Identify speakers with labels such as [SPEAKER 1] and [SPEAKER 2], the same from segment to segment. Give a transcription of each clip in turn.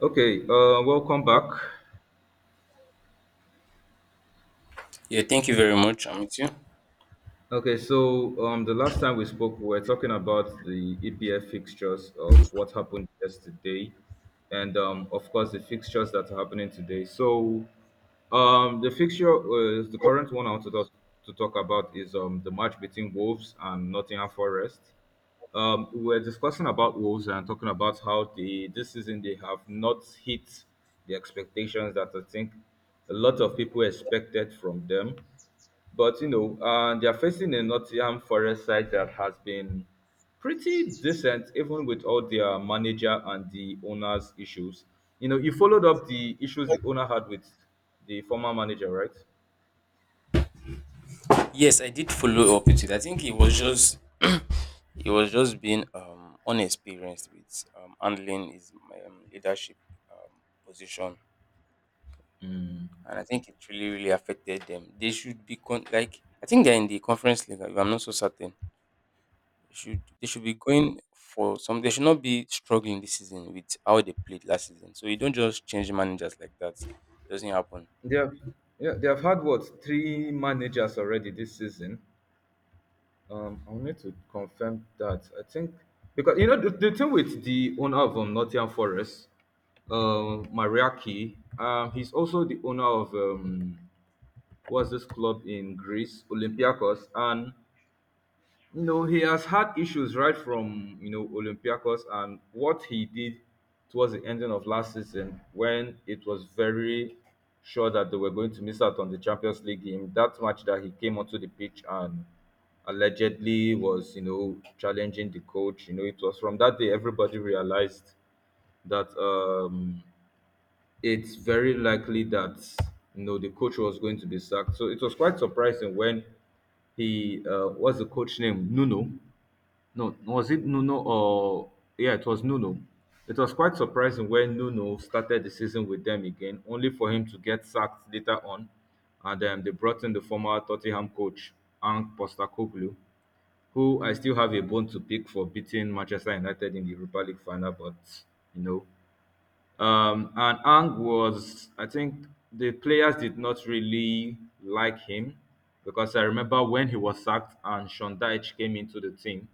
[SPEAKER 1] Okay, welcome back.
[SPEAKER 2] Yeah, thank you very much. I'm with you.
[SPEAKER 1] Okay, So the last time we spoke, we were talking about the EPF fixtures of what happened yesterday, and of course, the fixtures that are happening today. So, the fixture, the current one I want to talk about is the match between Wolves and Nottingham Forest. We were discussing about Wolves and talking about how they this season they have not hit the expectations that I think a lot of people expected from them. But you know, they are facing a Nottingham Forest side that has been pretty decent, even with all their manager and the owner's issues. You know, you followed up the issues the owner had with the former manager, right?
[SPEAKER 2] Yes, I did follow up with it. I think it was just being unexperienced with handling his leadership position,
[SPEAKER 1] Mm.
[SPEAKER 2] and I think it really affected them. They should be like I think they're in the Conference League. If I'm not so certain. They should be going for some. They should not be struggling this season with how they played last season. So you don't just change managers like that. It doesn't happen.
[SPEAKER 1] They have, yeah, they have had what three managers already this season. I need to confirm that. I think because you know the thing with the owner of Nottingham Forest, Mariaki, he's also the owner of what's this club in Greece, Olympiacos, and you know he has had issues right from you know Olympiacos and what he did towards the ending of last season when it was very sure that they were going to miss out on the Champions League game. That match that he came onto the pitch and allegedly was you know challenging the coach. You know it was from that day everybody realized that it's very likely that you know the coach was going to be sacked. So it was quite surprising when he what's the coach name? Nuno. No, was it Nuno or yeah, it was Nuno. It was quite surprising when Nuno started the season with them again, only for him to get sacked later on. And they brought in the former Tottenham coach, Ange Postecoglou, who I still have a bone to pick for beating Manchester United in the Europa League final, but you know, and Ang was, I think, the players did not really like him because I remember when he was sacked and Sean Dyche came into the team.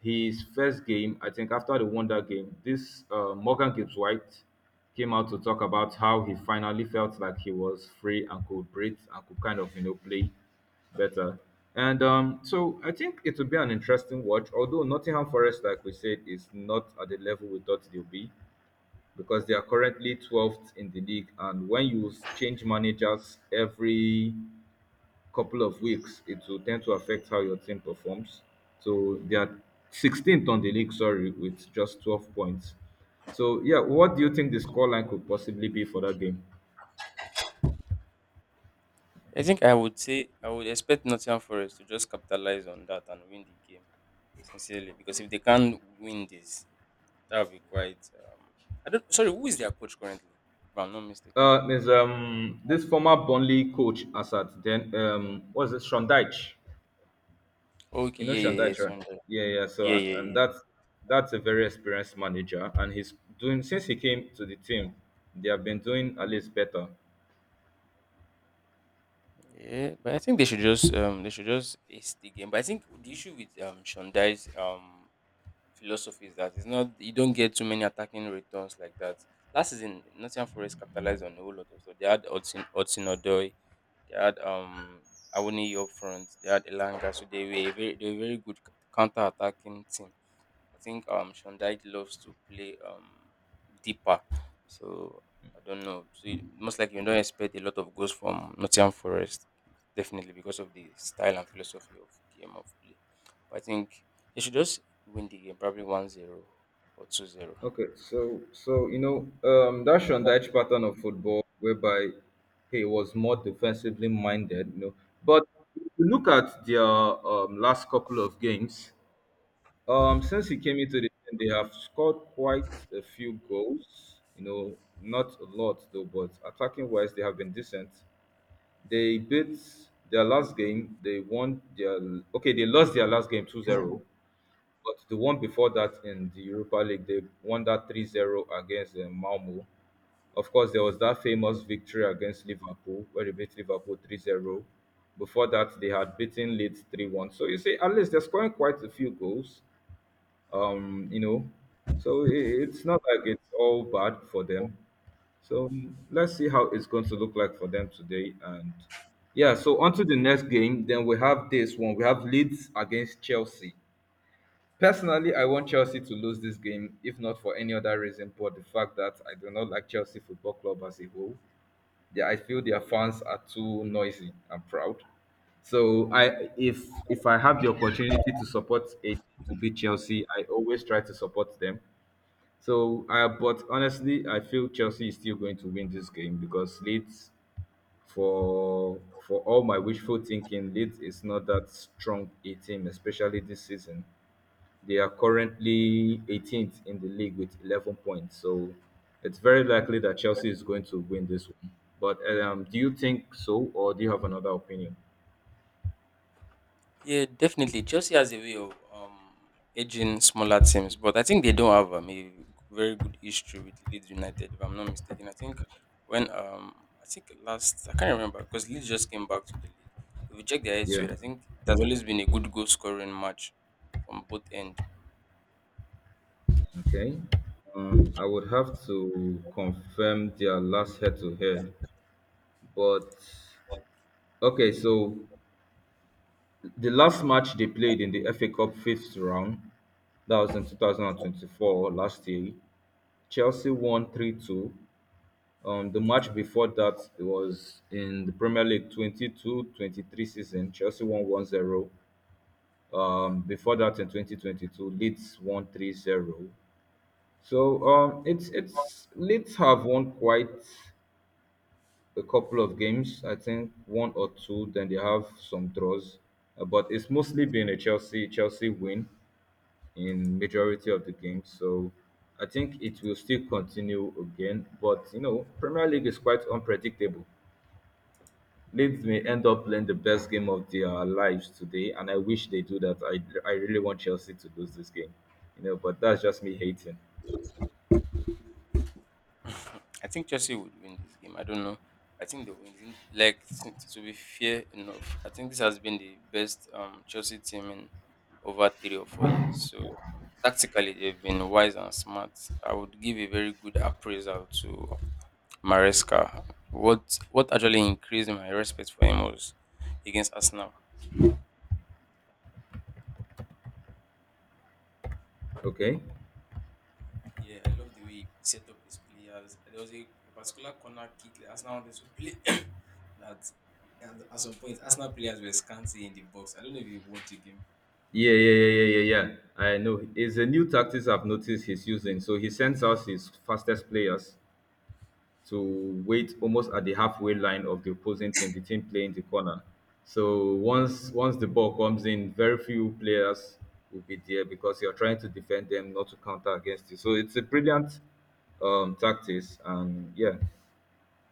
[SPEAKER 1] His first game, I think, after the Wonder game, this Morgan Gibbs White came out to talk about how he finally felt like he was free and could breathe and could kind of, you know, play better. And so I think it will be an interesting watch. Although Nottingham Forest, like we said, is not at the level we thought they'll be because they are currently 12th in the league. And when you change managers every couple of weeks, it will tend to affect how your team performs. So they are 16th on the league, sorry, with just 12 points. So, yeah, what do you think the scoreline could possibly be for that game?
[SPEAKER 2] I think I would say I would expect Nottingham Forest to just capitalize on that and win the game, sincerely, because if they can't win this, that would be quite. I don't. Sorry, who is their coach currently? If I'm not mistaken.
[SPEAKER 1] There's this former Burnley coach Assad. Then what's it? Sean Dyche.
[SPEAKER 2] Okay,
[SPEAKER 1] You know
[SPEAKER 2] yeah, yeah, yeah,
[SPEAKER 1] Shandai, right?
[SPEAKER 2] Sunday.
[SPEAKER 1] Yeah, yeah. So
[SPEAKER 2] Yeah, yeah,
[SPEAKER 1] and
[SPEAKER 2] yeah,
[SPEAKER 1] that's a very experienced manager, and he's doing since he came to the team, they have been doing at least better.
[SPEAKER 2] yeah. But I think they should just they should just ace the game. But I think the issue with Shondai's philosophy is that it's not you don't get too many attacking returns like that. Last season, Nottingham Forest capitalized on a whole lot of stuff. They had Hudson Odoi, they had Awoniyi up front, they had Elanga, so they were a very good counter attacking team. I think Shondai loves to play deeper. So I don't know. So most likely you don't expect a lot of goals from Nottingham Forest, definitely because of the style and philosophy of game of play. But I think they should just win the game, probably 1-0 or 2-0.
[SPEAKER 1] Okay, so you know that Shandai pattern of football, whereby he was more defensively minded, you know. But if you look at their last couple of games, since he came into the team, they have scored quite a few goals. You know, not a lot though, but attacking wise, they have been decent. They beat their last game. They won their okay. They lost their last game 2-0, but the one before that in the Europa League, they won that 3-0 against Malmo. Of course, there was that famous victory against Liverpool where they beat Liverpool 3-0. Before that, they had beaten Leeds 3-1. So you see, at least they're scoring quite a few goals. Um, you know, so i- it's not like it's all bad for them. So mm, let's see how it's going to look like for them today. And yeah, so on to the next game. Then we have this one. We have Leeds against Chelsea. Personally, I want Chelsea to lose this game, if not for any other reason, but the fact that I do not like Chelsea Football Club as a whole. They, I feel their fans are too noisy and proud. So I if I have the opportunity to support a to beat Chelsea, I always try to support them. So, but honestly, I feel Chelsea is still going to win this game because Leeds, for for all my wishful thinking, Leeds is not that strong a team, especially this season. They are currently 18th in the league with 11 points, so it's very likely that Chelsea is going to win this one. But do you think so, or do you have another opinion?
[SPEAKER 2] Yeah, definitely. Chelsea has a way of edging smaller teams, but I think they don't have a very good history with Leeds United, if I'm not mistaken. I think when I think last I can't remember because Leeds just came back to the league. If you check their
[SPEAKER 1] Yeah.
[SPEAKER 2] history, I think there's always been a good goal scoring match from both ends.
[SPEAKER 1] Okay. I would have to confirm their last head to head, but okay. So the last match they played in the FA Cup fifth round, that was in 2024, last year, Chelsea won 3-2. The match before that was in the Premier League 22-23 season, Chelsea won 1 zero. Before that, in 2022, Leeds won 3 zero. So it's Leeds have won quite a couple of games. I think one or two. Then they have some draws. But it's mostly been a Chelsea win in majority of the games. So I think it will still continue again. But you know, Premier League is quite unpredictable. Leeds may end up playing the best game of their lives today, and I wish they do that. I really want Chelsea to lose this game, you know. But that's just me hating.
[SPEAKER 2] I think Chelsea would win this game. I don't know. I think they win. Like to be fair enough, I think this has been the best Chelsea team in over 3 or 4 years. So tactically, they've been wise and smart. I would give a very good appraisal to Maresca. What actually increased my respect for him was against Arsenal.
[SPEAKER 1] Okay.
[SPEAKER 2] Yeah, I love the way he set up his players. There was a particular corner kick that Arsenal wanted to play that and at some point Arsenal players were scanty in the box. I don't know if you watched the game.
[SPEAKER 1] Yeah, yeah, yeah, yeah, yeah, yeah. I know. It's a new tactics I've noticed he's using. So he sends out his fastest players to wait almost at the halfway line of the opposing team, the team playing the corner. So once the ball comes in, very few players will be there because you're trying to defend them, not to counter against you. So it's a brilliant tactics, and yeah.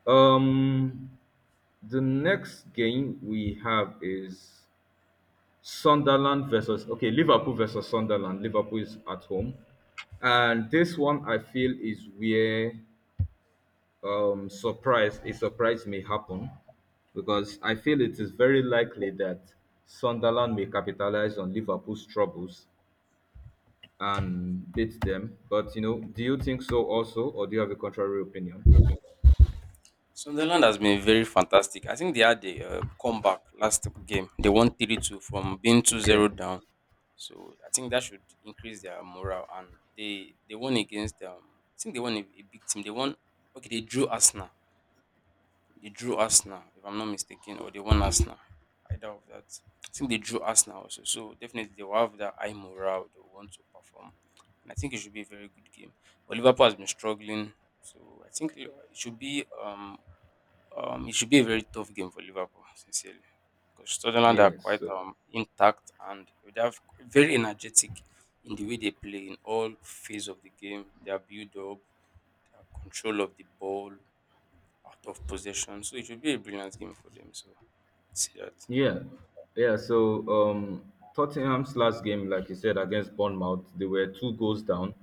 [SPEAKER 1] Um, the next game we have is Sunderland versus okay Liverpool versus Sunderland. Liverpool is at home, and this one I feel is where surprise may happen because I feel it is very likely that Sunderland may capitalize on Liverpool's troubles and beat them. But you know, do you think so also, or do you have a contrary opinion?
[SPEAKER 2] Sunderland has been very fantastic. I think they had a comeback last game. They won 3-2 from being two
[SPEAKER 1] Yeah,
[SPEAKER 2] zero down. So I think that should increase their morale. And they won against I think they won a big team. They won okay, they drew Arsenal. They drew Arsenal, if I'm not mistaken, or they won Arsenal. Either of that. I think they drew Arsenal also. So definitely they will have that high morale. They will want to perform. And I think it should be a very good game. But Liverpool has been struggling. So I think it should be um it should be a very tough game for Liverpool, sincerely. Because Sunderland are
[SPEAKER 1] yeah.
[SPEAKER 2] quite
[SPEAKER 1] So
[SPEAKER 2] intact and they have very energetic in the way they play in all phase of the game, their build up, their control of the ball, out of possession. So it should be a brilliant game for them. So see that.
[SPEAKER 1] yeah, yeah. So Tottenham's last game, like you said, against Bournemouth, they were two goals down,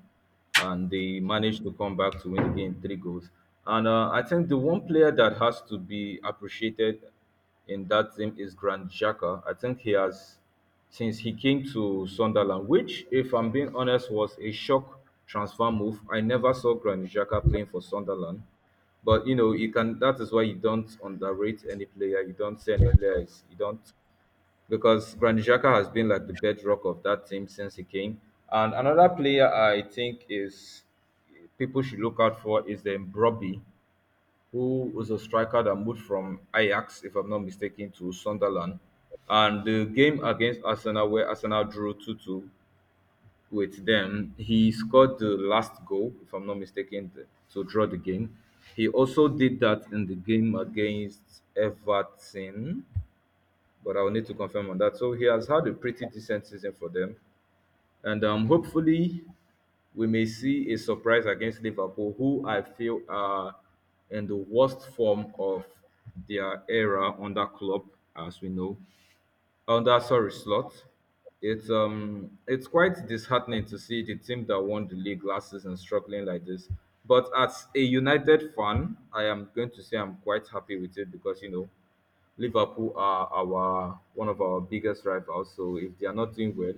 [SPEAKER 1] and they managed to come back to win the game three goals. And I think the one player that has to be appreciated in that team is Grand Xhaka. I think he has, since he came to Sunderland, which, if I'm being honest, was a shock transfer move. I never saw Grand Xhaka playing for Sunderland. But you know, you can. That is why you don't underrate any player. You don't say any players. You don't because Granit Xhaka has been like the bedrock of that team since he came. And another player I think is people should look out for is the Broby, who was a striker that moved from Ajax, if I'm not mistaken, to Sunderland. And the game against Arsenal, where Arsenal drew 2-2, with them. He scored the last goal, if I'm not mistaken, th- to draw the game. He also did that in the game against Everton, but I'll need to confirm on that. So he has had a pretty decent season for them, and hopefully we may see a surprise against Liverpool, who I feel are in the worst form of their era under Klopp, as we know on that sorry slot. It's quite disheartening to see the team that won the league last season struggling like this. But as a United fan, I am going to say I'm quite happy with it because you know Liverpool are our one of our biggest rivals. So if they are not doing well,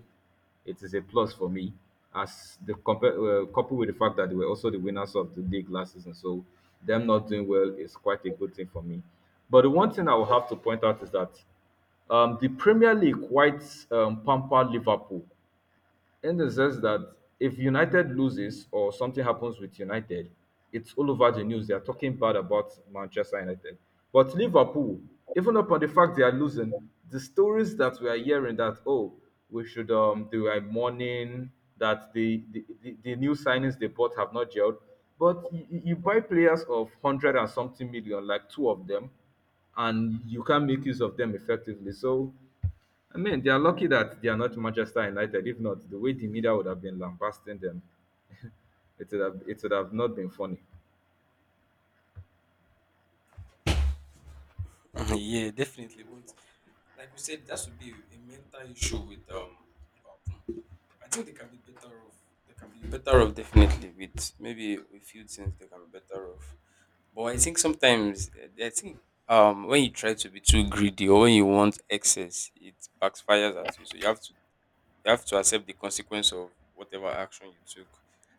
[SPEAKER 1] it is a plus for me. As the compare coupled with the fact that they were also the winners of the league last season, so them not doing well is quite a good thing for me. But the one thing I will have to point out is that the Premier League quite pamper Liverpool in the sense that if United loses or something happens with United, it's all over the news. They are talking bad about Manchester United. But Liverpool, even upon the fact they are losing, the stories that we are hearing that oh we should they were mourning that the new signings they bought have not gelled. But you buy players of 100 and something million, like two of them, and you can make use of them effectively. So I mean, they are lucky that they are not Manchester United. If not, the way the media would have been lambasting them, it would have not been funny.
[SPEAKER 2] yeah, definitely. But like we said, that should be a mental issue with Liverpool. I think they can be better off. They can be better off definitely with maybe a few things they can be better off. But I think sometimes I think when you try to be too greedy or when you want excess, it backfires at you. So you have to accept the consequence of whatever action you took.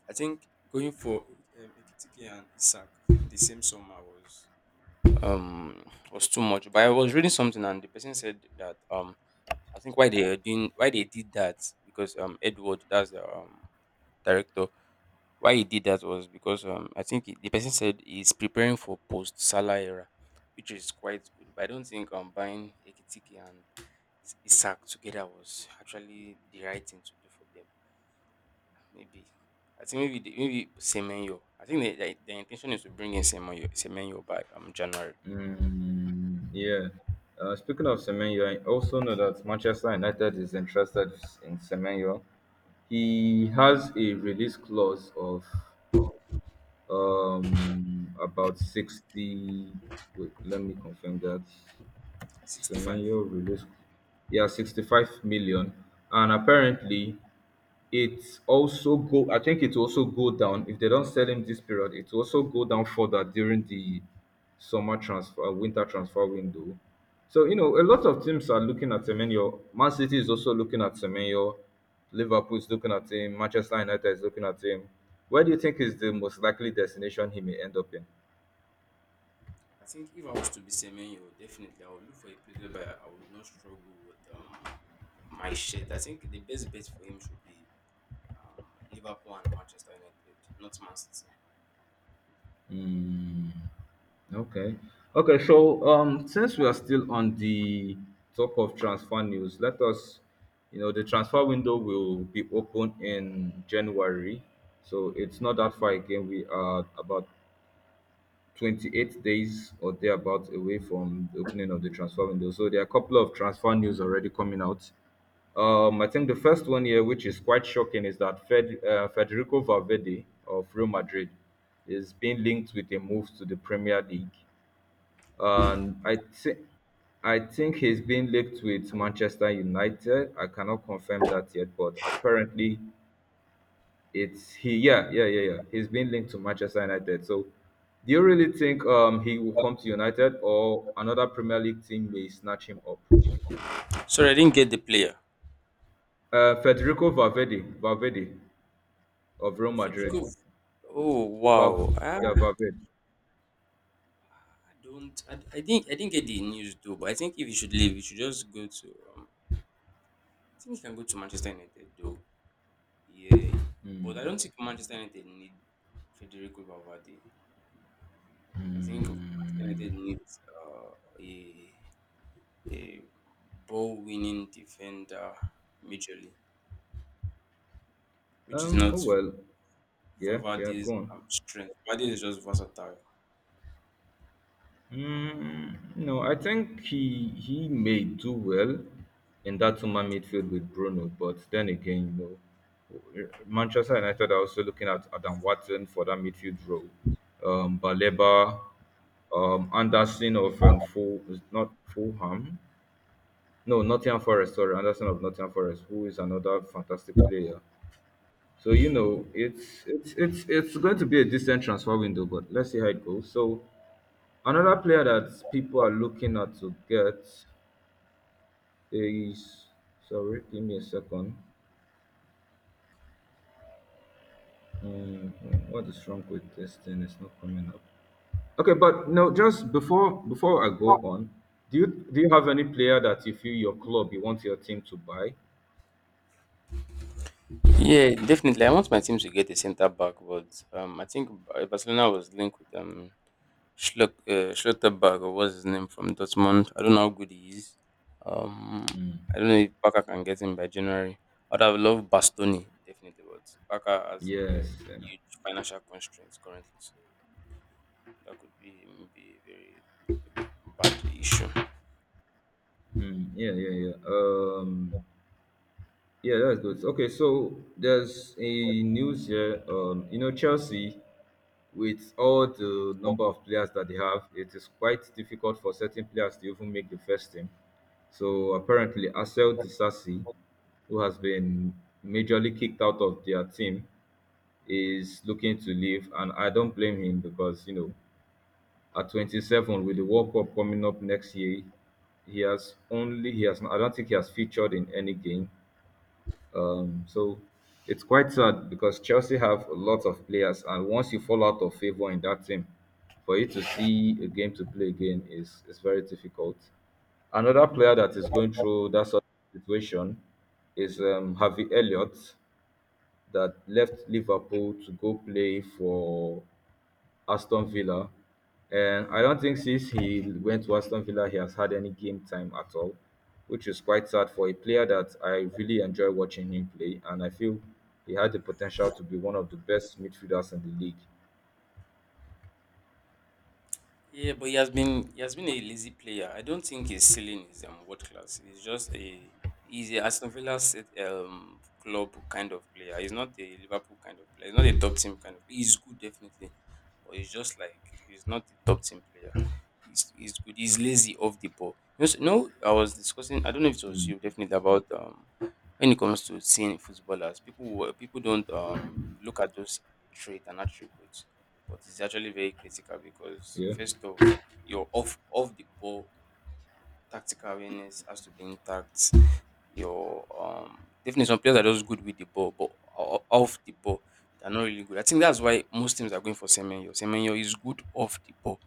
[SPEAKER 2] I think going for Ekitike and Isak the same summer um was too much. But I was reading something and the person said that I think why they are doing why they did that because Edward, that's the director, why he did that was because I think the person said he's preparing for post Salah era, which is quite good. But I don't think buying Ekitike and Isak together was actually the right thing to do for them. Maybe. I think maybe maybe Semenyo. I think the intention is to bring in Semenyo by January.
[SPEAKER 1] Mm, yeah. Speaking of Semenyo, I also know that Manchester United is interested in Semenyo. He has a release clause of about 60. Wait, let me confirm that.
[SPEAKER 2] 65.
[SPEAKER 1] Semenyo release, yeah, 65 million, and apparently It's also go I think it will also go down if they don't sell him this period. It will also go down further during the summer transfer winter transfer window. So, a lot of teams are looking at Semenyo. Man City is also looking at Semenyo. Liverpool is looking at him. Manchester United is looking at him. Where do you think is the most likely destination he may end up in?
[SPEAKER 2] I think if I was to be Semenyo, definitely I would look for a place whereby I would not struggle with my shit. I think the best bet for him should be Liverpool and Manchester United, not Man City.
[SPEAKER 1] Hmm. Okay. Okay, so since we are still on the talk of transfer news, let us, you know, the transfer window will be open in January. So it's not that far again. We are about 28 days or thereabouts away from the opening of the transfer window. So there are a couple of transfer news already coming out. I think the first one here, which is quite shocking, is that Federico Valverde of Real Madrid is being linked with a move to the Premier League. And I think he's been linked with Manchester United. I cannot confirm that yet, but apparently it's he. Yeah, yeah, yeah, yeah. He's been linked to Manchester United. So, do you really think he will come to United or another Premier League team may snatch him up?
[SPEAKER 2] Sorry, I didn't get the player.
[SPEAKER 1] Federico Valverde, of Real
[SPEAKER 2] Federico.
[SPEAKER 1] Madrid.
[SPEAKER 2] Oh
[SPEAKER 1] Valv,
[SPEAKER 2] wow. Ah,
[SPEAKER 1] yeah, Valverde.
[SPEAKER 2] I don't. I think I didn't get the news though. But I think if he should leave, he should just go to. I think he can go to Manchester United though. Yeah, but I don't think Manchester United need Federico Valverde. I think Manchester
[SPEAKER 1] Hmm.
[SPEAKER 2] United needs a a ball winning defender majorly, which is
[SPEAKER 1] Oh
[SPEAKER 2] not
[SPEAKER 1] well, yeah, yeah. Go
[SPEAKER 2] Valverde's
[SPEAKER 1] on.
[SPEAKER 2] strength. Valverde is just versatile.
[SPEAKER 1] Mm, no, I think he may do well in that two-man midfield with Bruno, but then again, Manchester United are also looking at Adam Watson for that midfield role. Baleba, Anderson of Full is not Fulham, no, Nottingham Forest. Sorry, Anderson of Nottingham Forest, who is another fantastic player. So it's going to be a decent transfer window, but let's see how it goes. So another player that people are looking at to get is. Sorry, give me a second. What is wrong with this thing? It's not coming up. Okay, but no, just before I go on, do you have any player that you feel your club you want your team to buy?
[SPEAKER 2] Yeah, definitely. I want my team to get a centre back, but I think Barcelona was linked with Schluck, Schlotterberg, or what's his name from Dortmund. I don't know how good he is. Um,
[SPEAKER 1] Mm,
[SPEAKER 2] I don't know if Barca can get him by January. I'd have loved Bastoni definitely, but Barca has a
[SPEAKER 1] yes. Yeah.
[SPEAKER 2] huge financial constraints currently, so that could be maybe a very bad issue.
[SPEAKER 1] Mm, yeah, yeah, yeah. Yeah, that's good. Okay, so there's a news here. Chelsea, with all the number of players that they have, it is quite difficult for certain players to even make the first team. So apparently, Axel Disasi, who has been majorly kicked out of their team, is looking to leave, and I don't blame him because at 27 with the World Cup coming up next year, he has only he has I don't think he has featured in any game, so it's quite sad because Chelsea have a lot of players, and once you fall out of favor in that team, for you to see a game to play again is very difficult. Another player that is going through that sort of situation is Harvey Elliott that left Liverpool to go play for Aston Villa. And I don't think since he went to Aston Villa, he has had any game time at all, which is quite sad for a player that I really enjoy watching him play. And I feel he had the potential to be one of the best midfielders in the league.
[SPEAKER 2] Yeah, but he has been a lazy player. I don't think his ceiling is world class. He's just a he's a Aston Villa set, club kind of player. He's not a Liverpool kind of player. He's not a top team kind of. He's good definitely, but he's just like he's not a top team player. He's good. He's lazy off the ball. You know, you know, I was discussing. I don't know if it was you definitely about when it comes to seeing footballers, people don't look at those traits and attributes but it's actually very critical because
[SPEAKER 1] Yeah,
[SPEAKER 2] first off, your off the ball tactical awareness has to be intact. Your definitely some players are just good with the ball, but off the ball they're not really good. I think that's why most teams are going for Semenyo. Semenyo is good off the ball,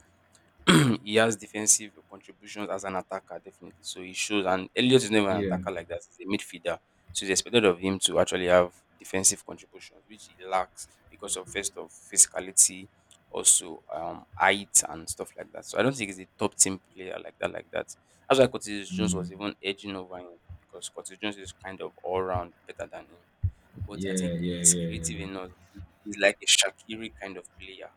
[SPEAKER 2] he has defensive contributions as an attacker, definitely. So he shows, and Elliot is not even an
[SPEAKER 1] yeah,
[SPEAKER 2] attacker like that. He's a midfielder. So it's expected of him to actually have defensive contributions, which he lacks because of first of physicality, also height and stuff like that. So I don't think he's a top team player like that. That's why Curtis Jones was even edging over him because Curtis Jones is kind of all round better than him. But
[SPEAKER 1] yeah,
[SPEAKER 2] I think
[SPEAKER 1] yeah,
[SPEAKER 2] he's
[SPEAKER 1] yeah, yeah,
[SPEAKER 2] creative
[SPEAKER 1] yeah.
[SPEAKER 2] enough. He's like a Shakiri kind of player.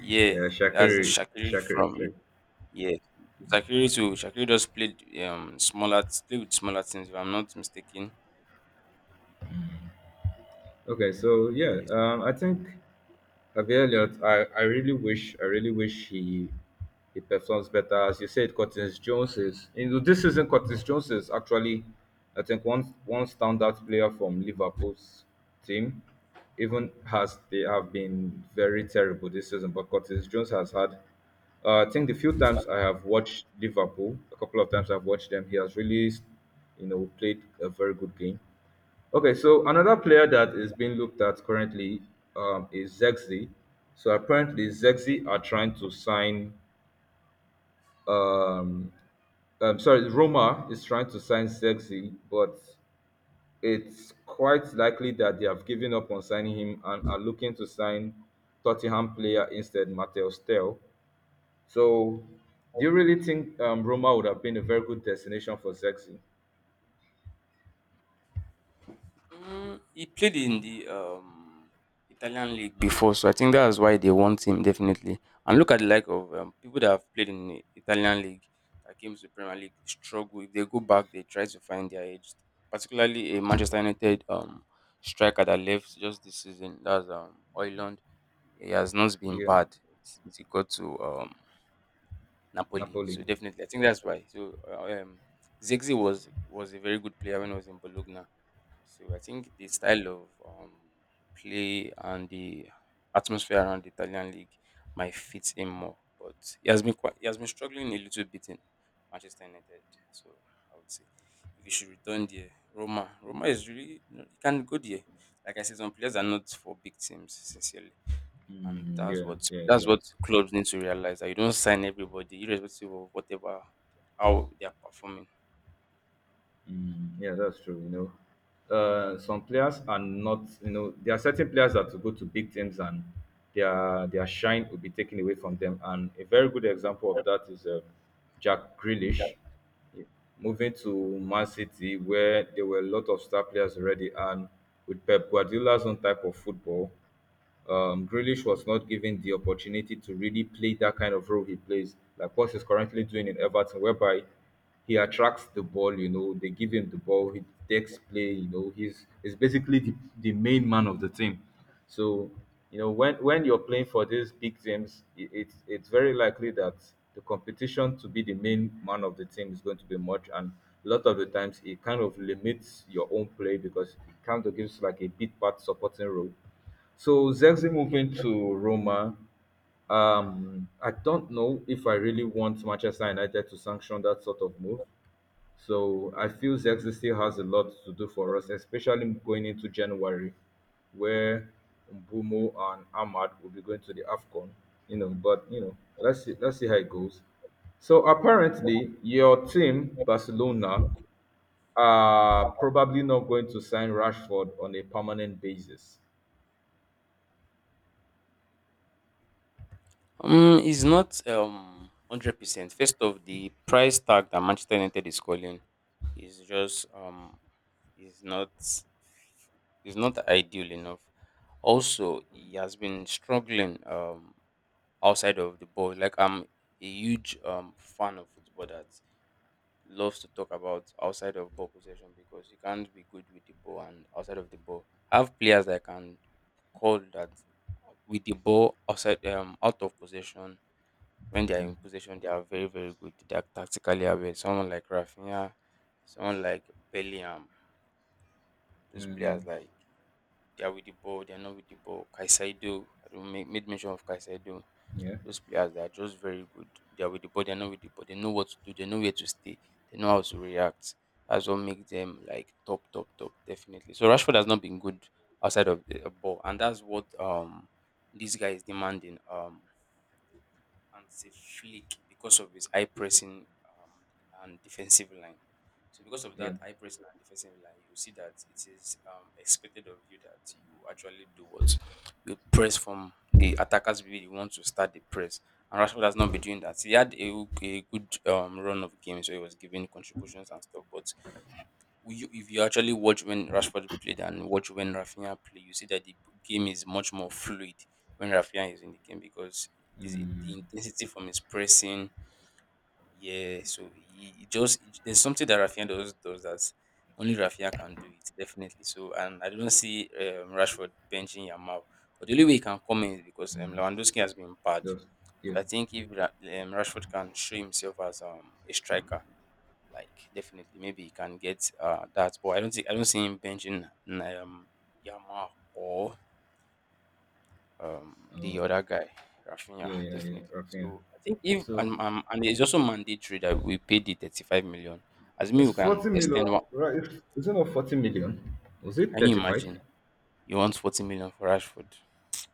[SPEAKER 2] Yeah,
[SPEAKER 1] Yeah,
[SPEAKER 2] that's the
[SPEAKER 1] Shakiri,
[SPEAKER 2] Shakiri
[SPEAKER 1] Shakiri,
[SPEAKER 2] from
[SPEAKER 1] Shakiri.
[SPEAKER 2] Yeah, Shakiri too. Shakiri just played smaller, played with smaller teams. If I'm not mistaken,
[SPEAKER 1] Okay, so yeah,
[SPEAKER 2] yes.
[SPEAKER 1] I think Abby Elliott, I really wish he performs better. As you said, Curtis Jones is, this season Curtis Jones is actually, I think, one standout player from Liverpool's team. Even as they have been very terrible this season, but Curtis Jones has had, I think the few times I have watched Liverpool, a couple of times I've watched them, he has really played a very good game. Okay, so another player that is being looked at currently, is Zexi. So apparently, Zexi are trying to sign. Um, Sorry, Roma is trying to sign Zexi, but it's quite likely that they have given up on signing him and are looking to sign Tottenham player instead, Mateus Tell. So, do you really think Roma would have been a very good destination for Zexi?
[SPEAKER 2] Mm, he played in the Italian league before, so I think that's why they want him definitely. And look at the like of people that have played in the Italian league that came to the Premier League struggle. If they go back, they try to find their age. Particularly a Manchester United striker that left just this season. That's Oiland. He has not been
[SPEAKER 1] Yeah,
[SPEAKER 2] bad since he got to Napoli.
[SPEAKER 1] Napoli.
[SPEAKER 2] So definitely, I think that's why. So Zexi was a very good player when he was in Bologna. So I think the style of play and the atmosphere around the Italian league might fit him more. But he has been struggling a little bit in Manchester United. So I would say if he should return there, Roma is really you know, he can go there. Like I said, some players are not for big teams. Sincerely. And
[SPEAKER 1] Mm,
[SPEAKER 2] that's
[SPEAKER 1] yeah,
[SPEAKER 2] what
[SPEAKER 1] yeah,
[SPEAKER 2] that's
[SPEAKER 1] yeah.
[SPEAKER 2] what clubs need to realize that you don't sign everybody, irrespective of whatever how they are performing.
[SPEAKER 1] Mm, yeah, that's true. Some players are not. There are certain players that will go to big teams, and their shine will be taken away from them. And a very good example of that is Jack Grealish, yeah, moving to Man City, where there were a lot of star players already, and with Pep Guardiola's own type of football, Grealish was not given the opportunity to really play that kind of role he plays, like what he's currently doing in Everton, whereby he attracts the ball, they give him the ball, he takes play, he's basically the main man of the team. So, when you're playing for these big teams, it's very likely that the competition to be the main man of the team is going to be much. And a lot of the times, it kind of limits your own play because it kind of gives like a bit part supporting role. So Zexi moving to Roma, I don't know if I really want Manchester United to sanction that sort of move. So I feel Zexi still has a lot to do for us, especially going into January, where Mbumo and Ahmad will be going to the Afcon. But let's see how it goes. So apparently, your team Barcelona are probably not going to sign Rashford on a permanent basis.
[SPEAKER 2] It's not 100%. First of the price tag that Manchester United is calling is just is not is not ideal enough. Also, he has been struggling outside of the ball. Like I'm a huge fan of football that loves to talk about outside of ball possession because you can't be good with the ball and outside of the ball. Have players that can call that with the ball out of possession. When they are
[SPEAKER 1] Mm,
[SPEAKER 2] in possession, they are very, very good. They are tactically aware. Someone like Rafinha, someone like Bellingham. Those
[SPEAKER 1] mm.
[SPEAKER 2] players, like, they are with the ball. They are not with the ball. Caicedo. I don't make made mention of Caicedo.
[SPEAKER 1] Yeah,
[SPEAKER 2] Those players, they are just very good. They are with the ball, they are not with the ball. They know what to do. They know where to stay. They know how to react. That's what makes them like top, top, top, definitely. So Rashford has not been good outside of the ball, and that's what this guy is demanding. And say Flick because of his high pressing and defensive line. So because of
[SPEAKER 1] yeah.
[SPEAKER 2] that high pressing and defensive line, you see that it is expected of you that you actually do what you press from the attackers will be the ones to start the press. And Rashford has not been doing that. He had a good run of games where he was giving contributions and stuff, but if you actually watch when Rashford played and watch when Rafinha play, you see that the game is much more fluid when Rafinha is in the game because the
[SPEAKER 1] Mm,
[SPEAKER 2] intensity from his pressing, yeah. So he just there's something that Rafinha does that only Rafinha can do it, definitely. So and I don't see Rashford benching Yamal. But the only way he can come in is because Lewandowski has been bad.
[SPEAKER 1] those.
[SPEAKER 2] So
[SPEAKER 1] Yeah.
[SPEAKER 2] I think if Ra- Rashford can show himself as a striker, like, definitely, maybe he can get that, but I don't see him benching Yama or the
[SPEAKER 1] Oh,
[SPEAKER 2] other guy, Rafinha,
[SPEAKER 1] yeah, yeah, yeah.
[SPEAKER 2] definitely.
[SPEAKER 1] Rafinha.
[SPEAKER 2] So I think if
[SPEAKER 1] So
[SPEAKER 2] and and it's also mandatory that we pay the 35 million. As me, we
[SPEAKER 1] it's
[SPEAKER 2] can
[SPEAKER 1] 40 million,
[SPEAKER 2] extend one.
[SPEAKER 1] right? Is it not 40 million? Was it
[SPEAKER 2] Can you
[SPEAKER 1] 35?
[SPEAKER 2] imagine? You want 40 million for Rashford?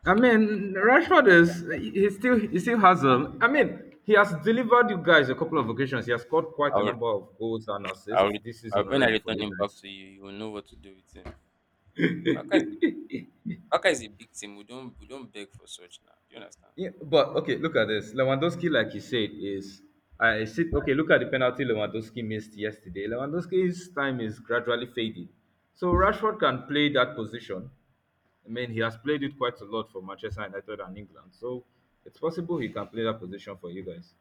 [SPEAKER 1] I mean, Rashford is he still has. I mean, he has delivered you guys a couple of occasions. He has scored quite
[SPEAKER 2] I
[SPEAKER 1] a
[SPEAKER 2] would,
[SPEAKER 1] number of goals and
[SPEAKER 2] I
[SPEAKER 1] assists
[SPEAKER 2] would,
[SPEAKER 1] this season
[SPEAKER 2] when I
[SPEAKER 1] already for
[SPEAKER 2] return
[SPEAKER 1] you
[SPEAKER 2] him back
[SPEAKER 1] guys.
[SPEAKER 2] to you, you will know what to do with him. Baka is, a- Baka is a big team. We don't beg for such now. Do you understand?
[SPEAKER 1] Yeah, but okay, look at this. Lewandowski, like you said, is I sit okay, look at the penalty Lewandowski missed yesterday. Lewandowski's time is gradually fading. So Rashford can play that position. I mean he has played it quite a lot for Manchester United and England. So it's possible he can play that position for you guys.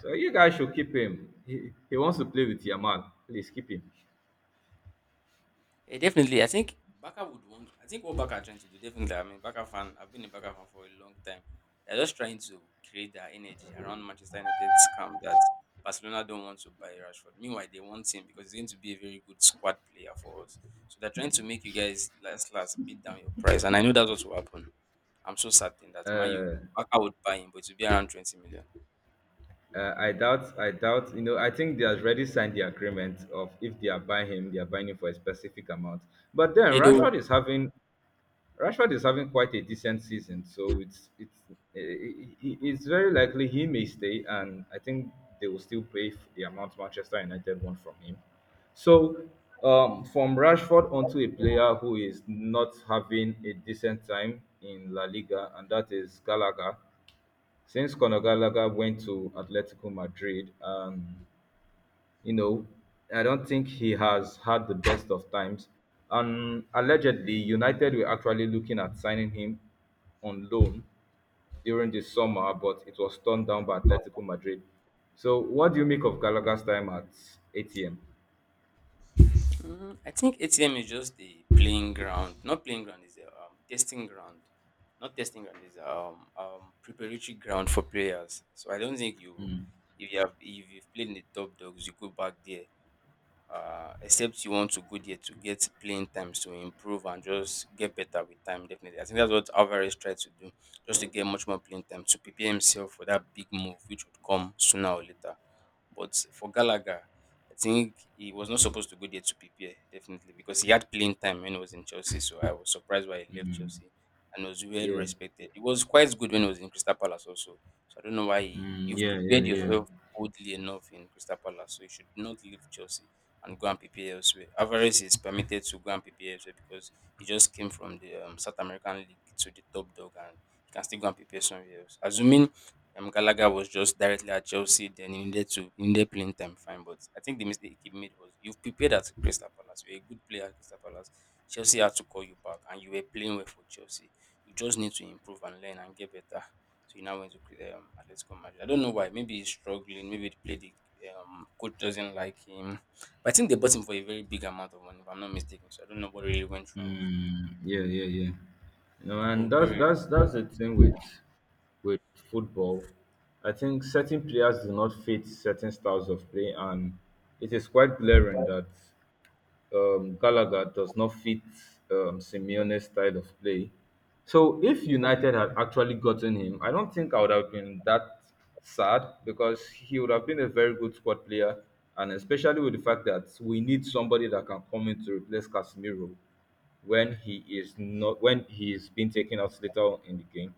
[SPEAKER 1] So you guys should keep him. He wants to play with Yamal. Please keep him.
[SPEAKER 2] Yeah, definitely. I think Baka would want. I think what Baka are trying to do, definitely. I mean, Baka fan. I've been a Baka fan for a long time. They're just trying to create their energy around Manchester United's scam that Barcelona don't want to buy Rashford. Meanwhile, they want him because he's going to be a very good squad player for us. So they're trying to make you guys last beat down your price, and I know that's what will happen. I'm so certain that Man U Baka would buy him, but it will be around 20 million.
[SPEAKER 1] I doubt. I doubt. You know. I think they have already signed the agreement of if they are buying him, they are buying him for a specific amount. But then
[SPEAKER 2] Yeah, they would.
[SPEAKER 1] Rashford is having quite a decent season, so it's very likely he may stay, and I think they will still pay the amount Manchester United want from him. So from Rashford onto a player who is not having a decent time in La Liga, and that is Gallagher. Since Conor Gallagher went to Atletico Madrid, you know, I don't think he has had the best of times. And allegedly, United were actually looking at signing him on loan during the summer, but it was turned down by Atletico Madrid. So, what do you make of Gallagher's time at ATM?
[SPEAKER 2] Mm, I think ATM is just the playing ground. Not playing ground, is a testing ground. Not testing ground is preparatory ground for players. So I don't think you
[SPEAKER 1] Mm,
[SPEAKER 2] if you have if you've played in the top dogs, you go back there. Except you want to go there to get playing time to improve and just get better with time. Definitely, I think that's what Alvarez tried to do, just to get much more playing time to prepare himself for that big move which would come sooner or later. But for Gallagher, I think he was not supposed to go there to prepare, definitely, because he had playing time when he was in Chelsea. So I was surprised why he left
[SPEAKER 1] mm,
[SPEAKER 2] Chelsea and was well
[SPEAKER 1] yeah.
[SPEAKER 2] respected. He was quite good when he was in Crystal Palace also. So I don't know why
[SPEAKER 1] Mm,
[SPEAKER 2] you've
[SPEAKER 1] yeah, yeah,
[SPEAKER 2] prepared
[SPEAKER 1] yeah.
[SPEAKER 2] yourself boldly enough in Crystal Palace. So you should not leave Chelsea and go and prepare elsewhere. Alvarez is permitted to go and prepare elsewhere because he just came from the South American League to the top dog and he can still go and prepare somewhere else. Assuming Gallagher was just directly at Chelsea. Then he needed playing time, fine. But I think the mistake he made was you've prepared at Crystal Palace. You're a good player at Crystal Palace. Chelsea had to call you back, and you were playing well for Chelsea. You just need to improve and learn and get better. So you now went to Atletico Madrid. I don't know why. Maybe he's struggling. Maybe the coach doesn't like him. But I think they bought him for a very big amount of money, if I'm not mistaken. So I don't know what really went wrong.
[SPEAKER 1] Mm, yeah, yeah, yeah.
[SPEAKER 2] Or
[SPEAKER 1] And
[SPEAKER 2] what
[SPEAKER 1] that's
[SPEAKER 2] really
[SPEAKER 1] that's that's the thing with football. I think certain players do not fit certain styles of play, and it is quite glaring that, Gallagher does not fit, Simeone's style of play. So if United had actually gotten him, I don't think I would have been that sad because he would have been a very good squad player, and especially with the fact that we need somebody that can come in to replace Casemiro when he is not when he is being taken out later on in the game.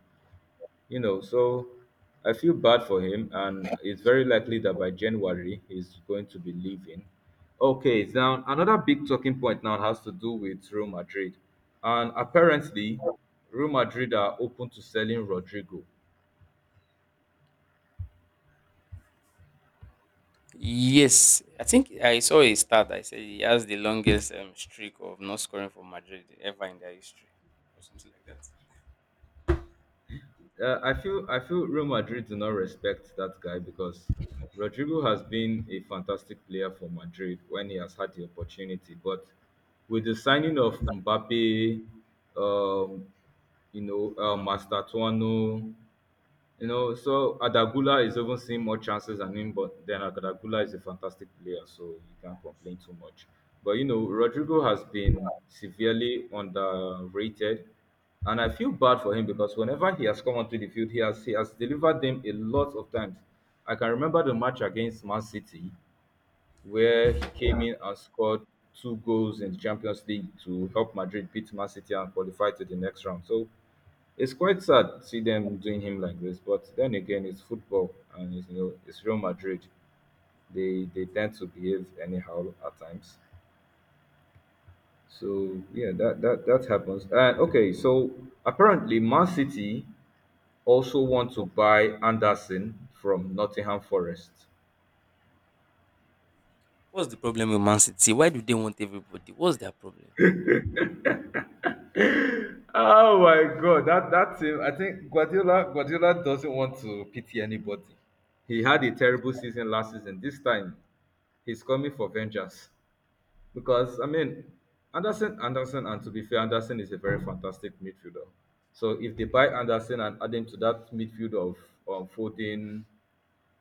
[SPEAKER 1] So I feel bad for him, and it's very likely that by January he's going to be leaving. Okay, now another big talking point now has to do with Real Madrid, and apparently Real Madrid are open to selling Rodrigo.
[SPEAKER 2] Yes, I think I saw a stat. I said he has the longest streak of not scoring for Madrid ever in their history, or something like that.
[SPEAKER 1] I feel Real Madrid do not respect that guy because Rodrigo has been a fantastic player for Madrid when he has had the opportunity. But with the signing of Mbappe, um, Master Tuano. You know, so Adagula is even seeing more chances than him, but then Adagula is a fantastic player, so you can't complain too much. But you know, Rodrigo has been severely underrated, and I feel bad for him because whenever he has come onto the field, he has delivered them a lot of times. I can remember the match against Man City where he came in and scored two goals in the Champions League to help Madrid beat Man City and qualify to the next round. So it's quite sad to see them doing him like this, but then again, it's football and it's, you know it's Real Madrid. They tend to behave anyhow at times. So yeah, that happens. And okay, so apparently Man City also want to buy Anderson from Nottingham Forest.
[SPEAKER 2] What's the problem with Man City? Why do they want everybody? What's their problem?
[SPEAKER 1] Oh my god, that that team! I think Guardiola doesn't want to pity anybody. He had a terrible season last season. This time, he's coming for vengeance. Because I mean, Anderson, and to be fair, Anderson is a very fantastic midfielder. So if they buy Anderson and add him to that midfield of Foden,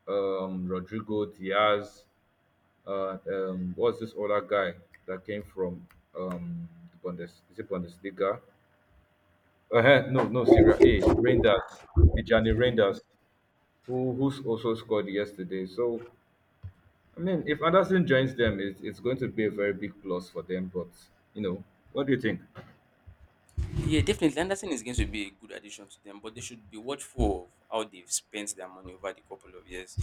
[SPEAKER 1] Rodrigo, Diaz, what's this other guy that came from the Bundes? Is it Bundesliga? No, no, Syria A. Rangers, Tijani Rangers, who's also scored yesterday. So I mean, if Anderson joins them, it's going to be a very big plus for them. But you know, what do you think?
[SPEAKER 2] Yeah, definitely. Anderson is going to be a good addition to them, but they should be watchful of how they've spent their money over the couple of years,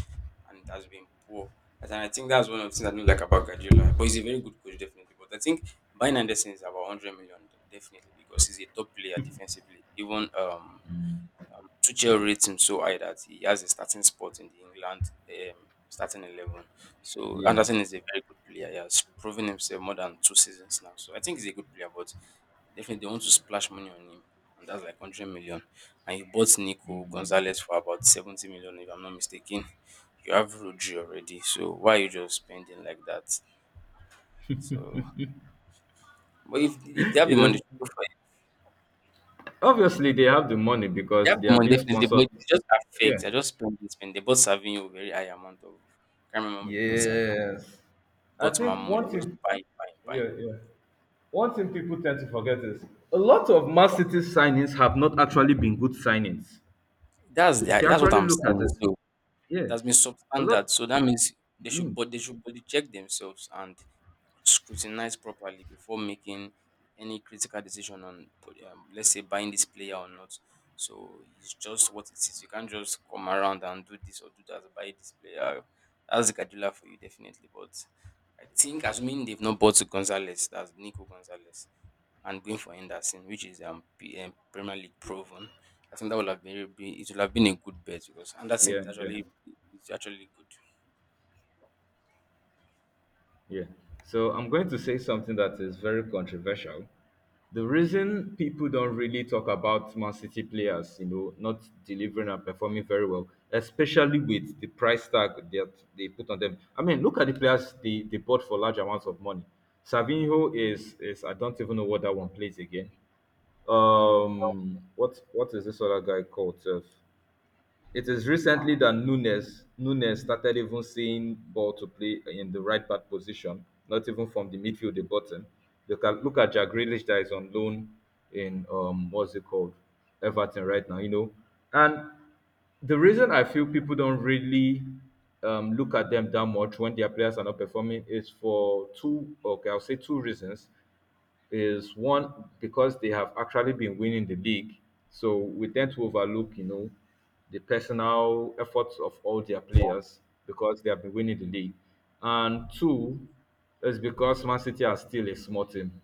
[SPEAKER 2] and it has been poor. And I think that's one of the things I don't like about Guardiola. But he's a very good coach, definitely. But I think buying Anderson is about 100 million, definitely, because he's a top player defensively. Even Tuchel rates him so high that he has a starting spot in the England starting eleven. So
[SPEAKER 1] Yeah.
[SPEAKER 2] Anderson is a very good player. He has proven himself more than two seasons now. So I think he's a good player, but definitely they want to splash money on him, and that's like 100 million. And you bought Nico Gonzalez for about 70 million, if I'm not mistaken. You have Rodri already, so why are you just spending like that? So, but if they have
[SPEAKER 1] You
[SPEAKER 2] the money.
[SPEAKER 1] know, obviously they have the money
[SPEAKER 2] You
[SPEAKER 1] because
[SPEAKER 2] have
[SPEAKER 1] they
[SPEAKER 2] the
[SPEAKER 1] are
[SPEAKER 2] money
[SPEAKER 1] being
[SPEAKER 2] definitely,
[SPEAKER 1] sponsored.
[SPEAKER 2] but it's just affect.
[SPEAKER 1] Yeah.
[SPEAKER 2] I just spend this spend. They both serving you a very high amount of, can't remember how much. They both serving.
[SPEAKER 1] Yes. I
[SPEAKER 2] But my
[SPEAKER 1] think
[SPEAKER 2] money,
[SPEAKER 1] one
[SPEAKER 2] I just
[SPEAKER 1] thing,
[SPEAKER 2] buy, buy, buy.
[SPEAKER 1] yeah, yeah. One thing people tend to forget is a lot of Man City signings have not actually been good signings.
[SPEAKER 2] That's the,
[SPEAKER 1] If you
[SPEAKER 2] that's what
[SPEAKER 1] actually
[SPEAKER 2] I'm
[SPEAKER 1] look at
[SPEAKER 2] saying.
[SPEAKER 1] it,
[SPEAKER 2] So
[SPEAKER 1] yeah,
[SPEAKER 2] that has been
[SPEAKER 1] a lot.
[SPEAKER 2] substandard. So that means they should
[SPEAKER 1] Mm.
[SPEAKER 2] but they should body check themselves and scrutinize properly before making any critical decision on, let's say, buying this player or not. So it's just what it is. You can't just come around and do this or do that, buy this player. That's the Kadula for you, definitely. But I think assuming they've not bought Gonzalez, that's Nico Gonzalez, and going for Henderson, which is Premier League proven. I think that would have been, a good bet, because Anderson
[SPEAKER 1] Yeah,
[SPEAKER 2] is
[SPEAKER 1] yeah,
[SPEAKER 2] actually is actually good.
[SPEAKER 1] yeah, so I'm going to say something that is very controversial. The reason people don't really talk about Man City players, you know, not delivering and performing very well, especially with the price tag that they put on them. I mean, look at the players they bought for large amounts of money. Savinho is I don't even know what that one plays again. What is this other guy called? Sef? It is recently that Nunes started even seeing ball to play in the right back position, not even from the midfield, the bottom. Look at Jack Grealish that is on loan in what's it called, Everton right now, you know. And the reason I feel people don't really look at them that much when their players are not performing is for two okay, I'll say two reasons is one because they have actually been winning the league. So we tend to overlook, you know, the personal efforts of all their players because they have been winning the league. And two is because Man City are still a small team.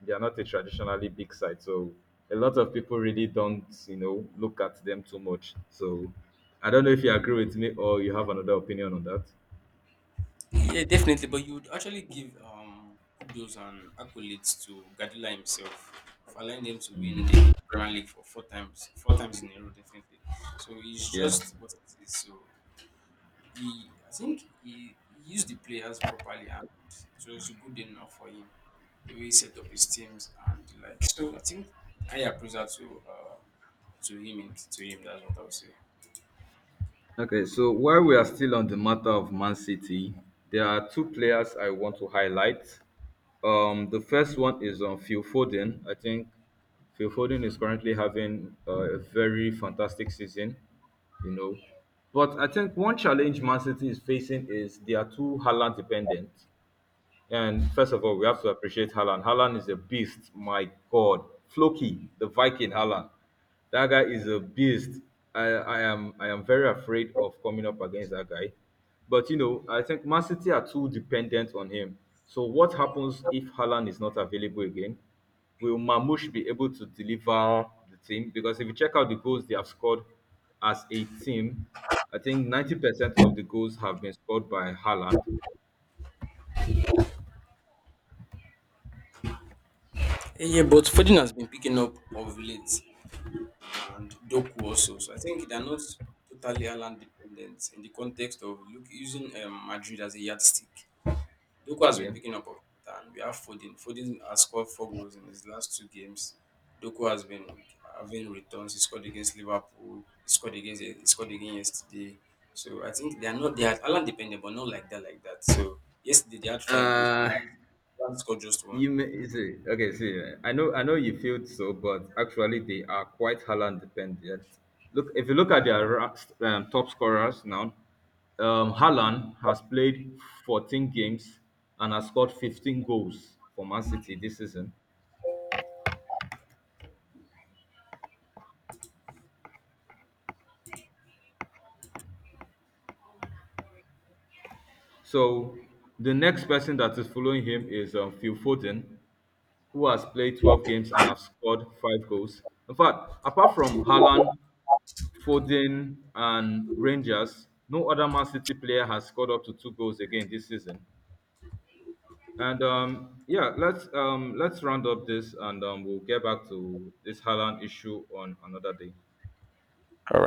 [SPEAKER 1] They are not a traditionally big side. So a lot of people really don't, you know, look at them too much. So I don't know if you agree with me or you have another opinion on that.
[SPEAKER 2] Yeah, definitely. But you would actually give kudos and accolades to Guardiola himself for allowing them to win the Premier League for four times in a row, definitely. So it's
[SPEAKER 1] Yeah.
[SPEAKER 2] just what it is. So I think he used the players properly, and it was good enough for him. The way he set up his teams and the like. So I think I approve that to him. To him, that's what I would say.
[SPEAKER 1] Okay, so while we are still on the matter of Man City, there are two players I want to highlight. The first one is on Phil Foden. I think Phil Foden is currently having a very fantastic season, you know. But I think one challenge Man City is facing is they are too Haaland dependent. And first of all, we have to appreciate Haaland. Haaland is a beast. My God. Floki, the Viking Haaland. That guy is a beast. I am very afraid of coming up against that guy. But you know, I think Man City are too dependent on him. So what happens if Haaland is not available again? Will Mamush be able to deliver the team? Because if you check out the goals they have scored as a team, I think 90% of the goals have been scored by Haaland.
[SPEAKER 2] Yeah, but Foden has been picking up of late, and Doku also. So I think they're not totally Haaland dependent in the context of, look, using Madrid as a yardstick. Doku has been
[SPEAKER 1] Yeah.
[SPEAKER 2] picking up of it, and we have Foden. Foden has scored four goals in his last two games. Doku has been having returns. He scored against Liverpool. He scored against. He scored again yesterday. So I think they are not, they are Haaland dependent, but not like that, like that. So yesterday they had five goals and
[SPEAKER 1] Uh,
[SPEAKER 2] Haaland scored just one.
[SPEAKER 1] You may see, okay, see, I know you feel so, but actually they are quite Haaland dependent. Look, if you look at their top scorers now, Haaland has played 14 games and has scored 15 goals for Man City this season. So the next person that is following him is Phil Foden, who has played 12 games and has scored five goals. In fact, apart from Haaland, Foden and Rangers. No other Man City player has scored up to two goals again this season. And yeah, let's round up this, and we'll get back to this Haaland issue on another day.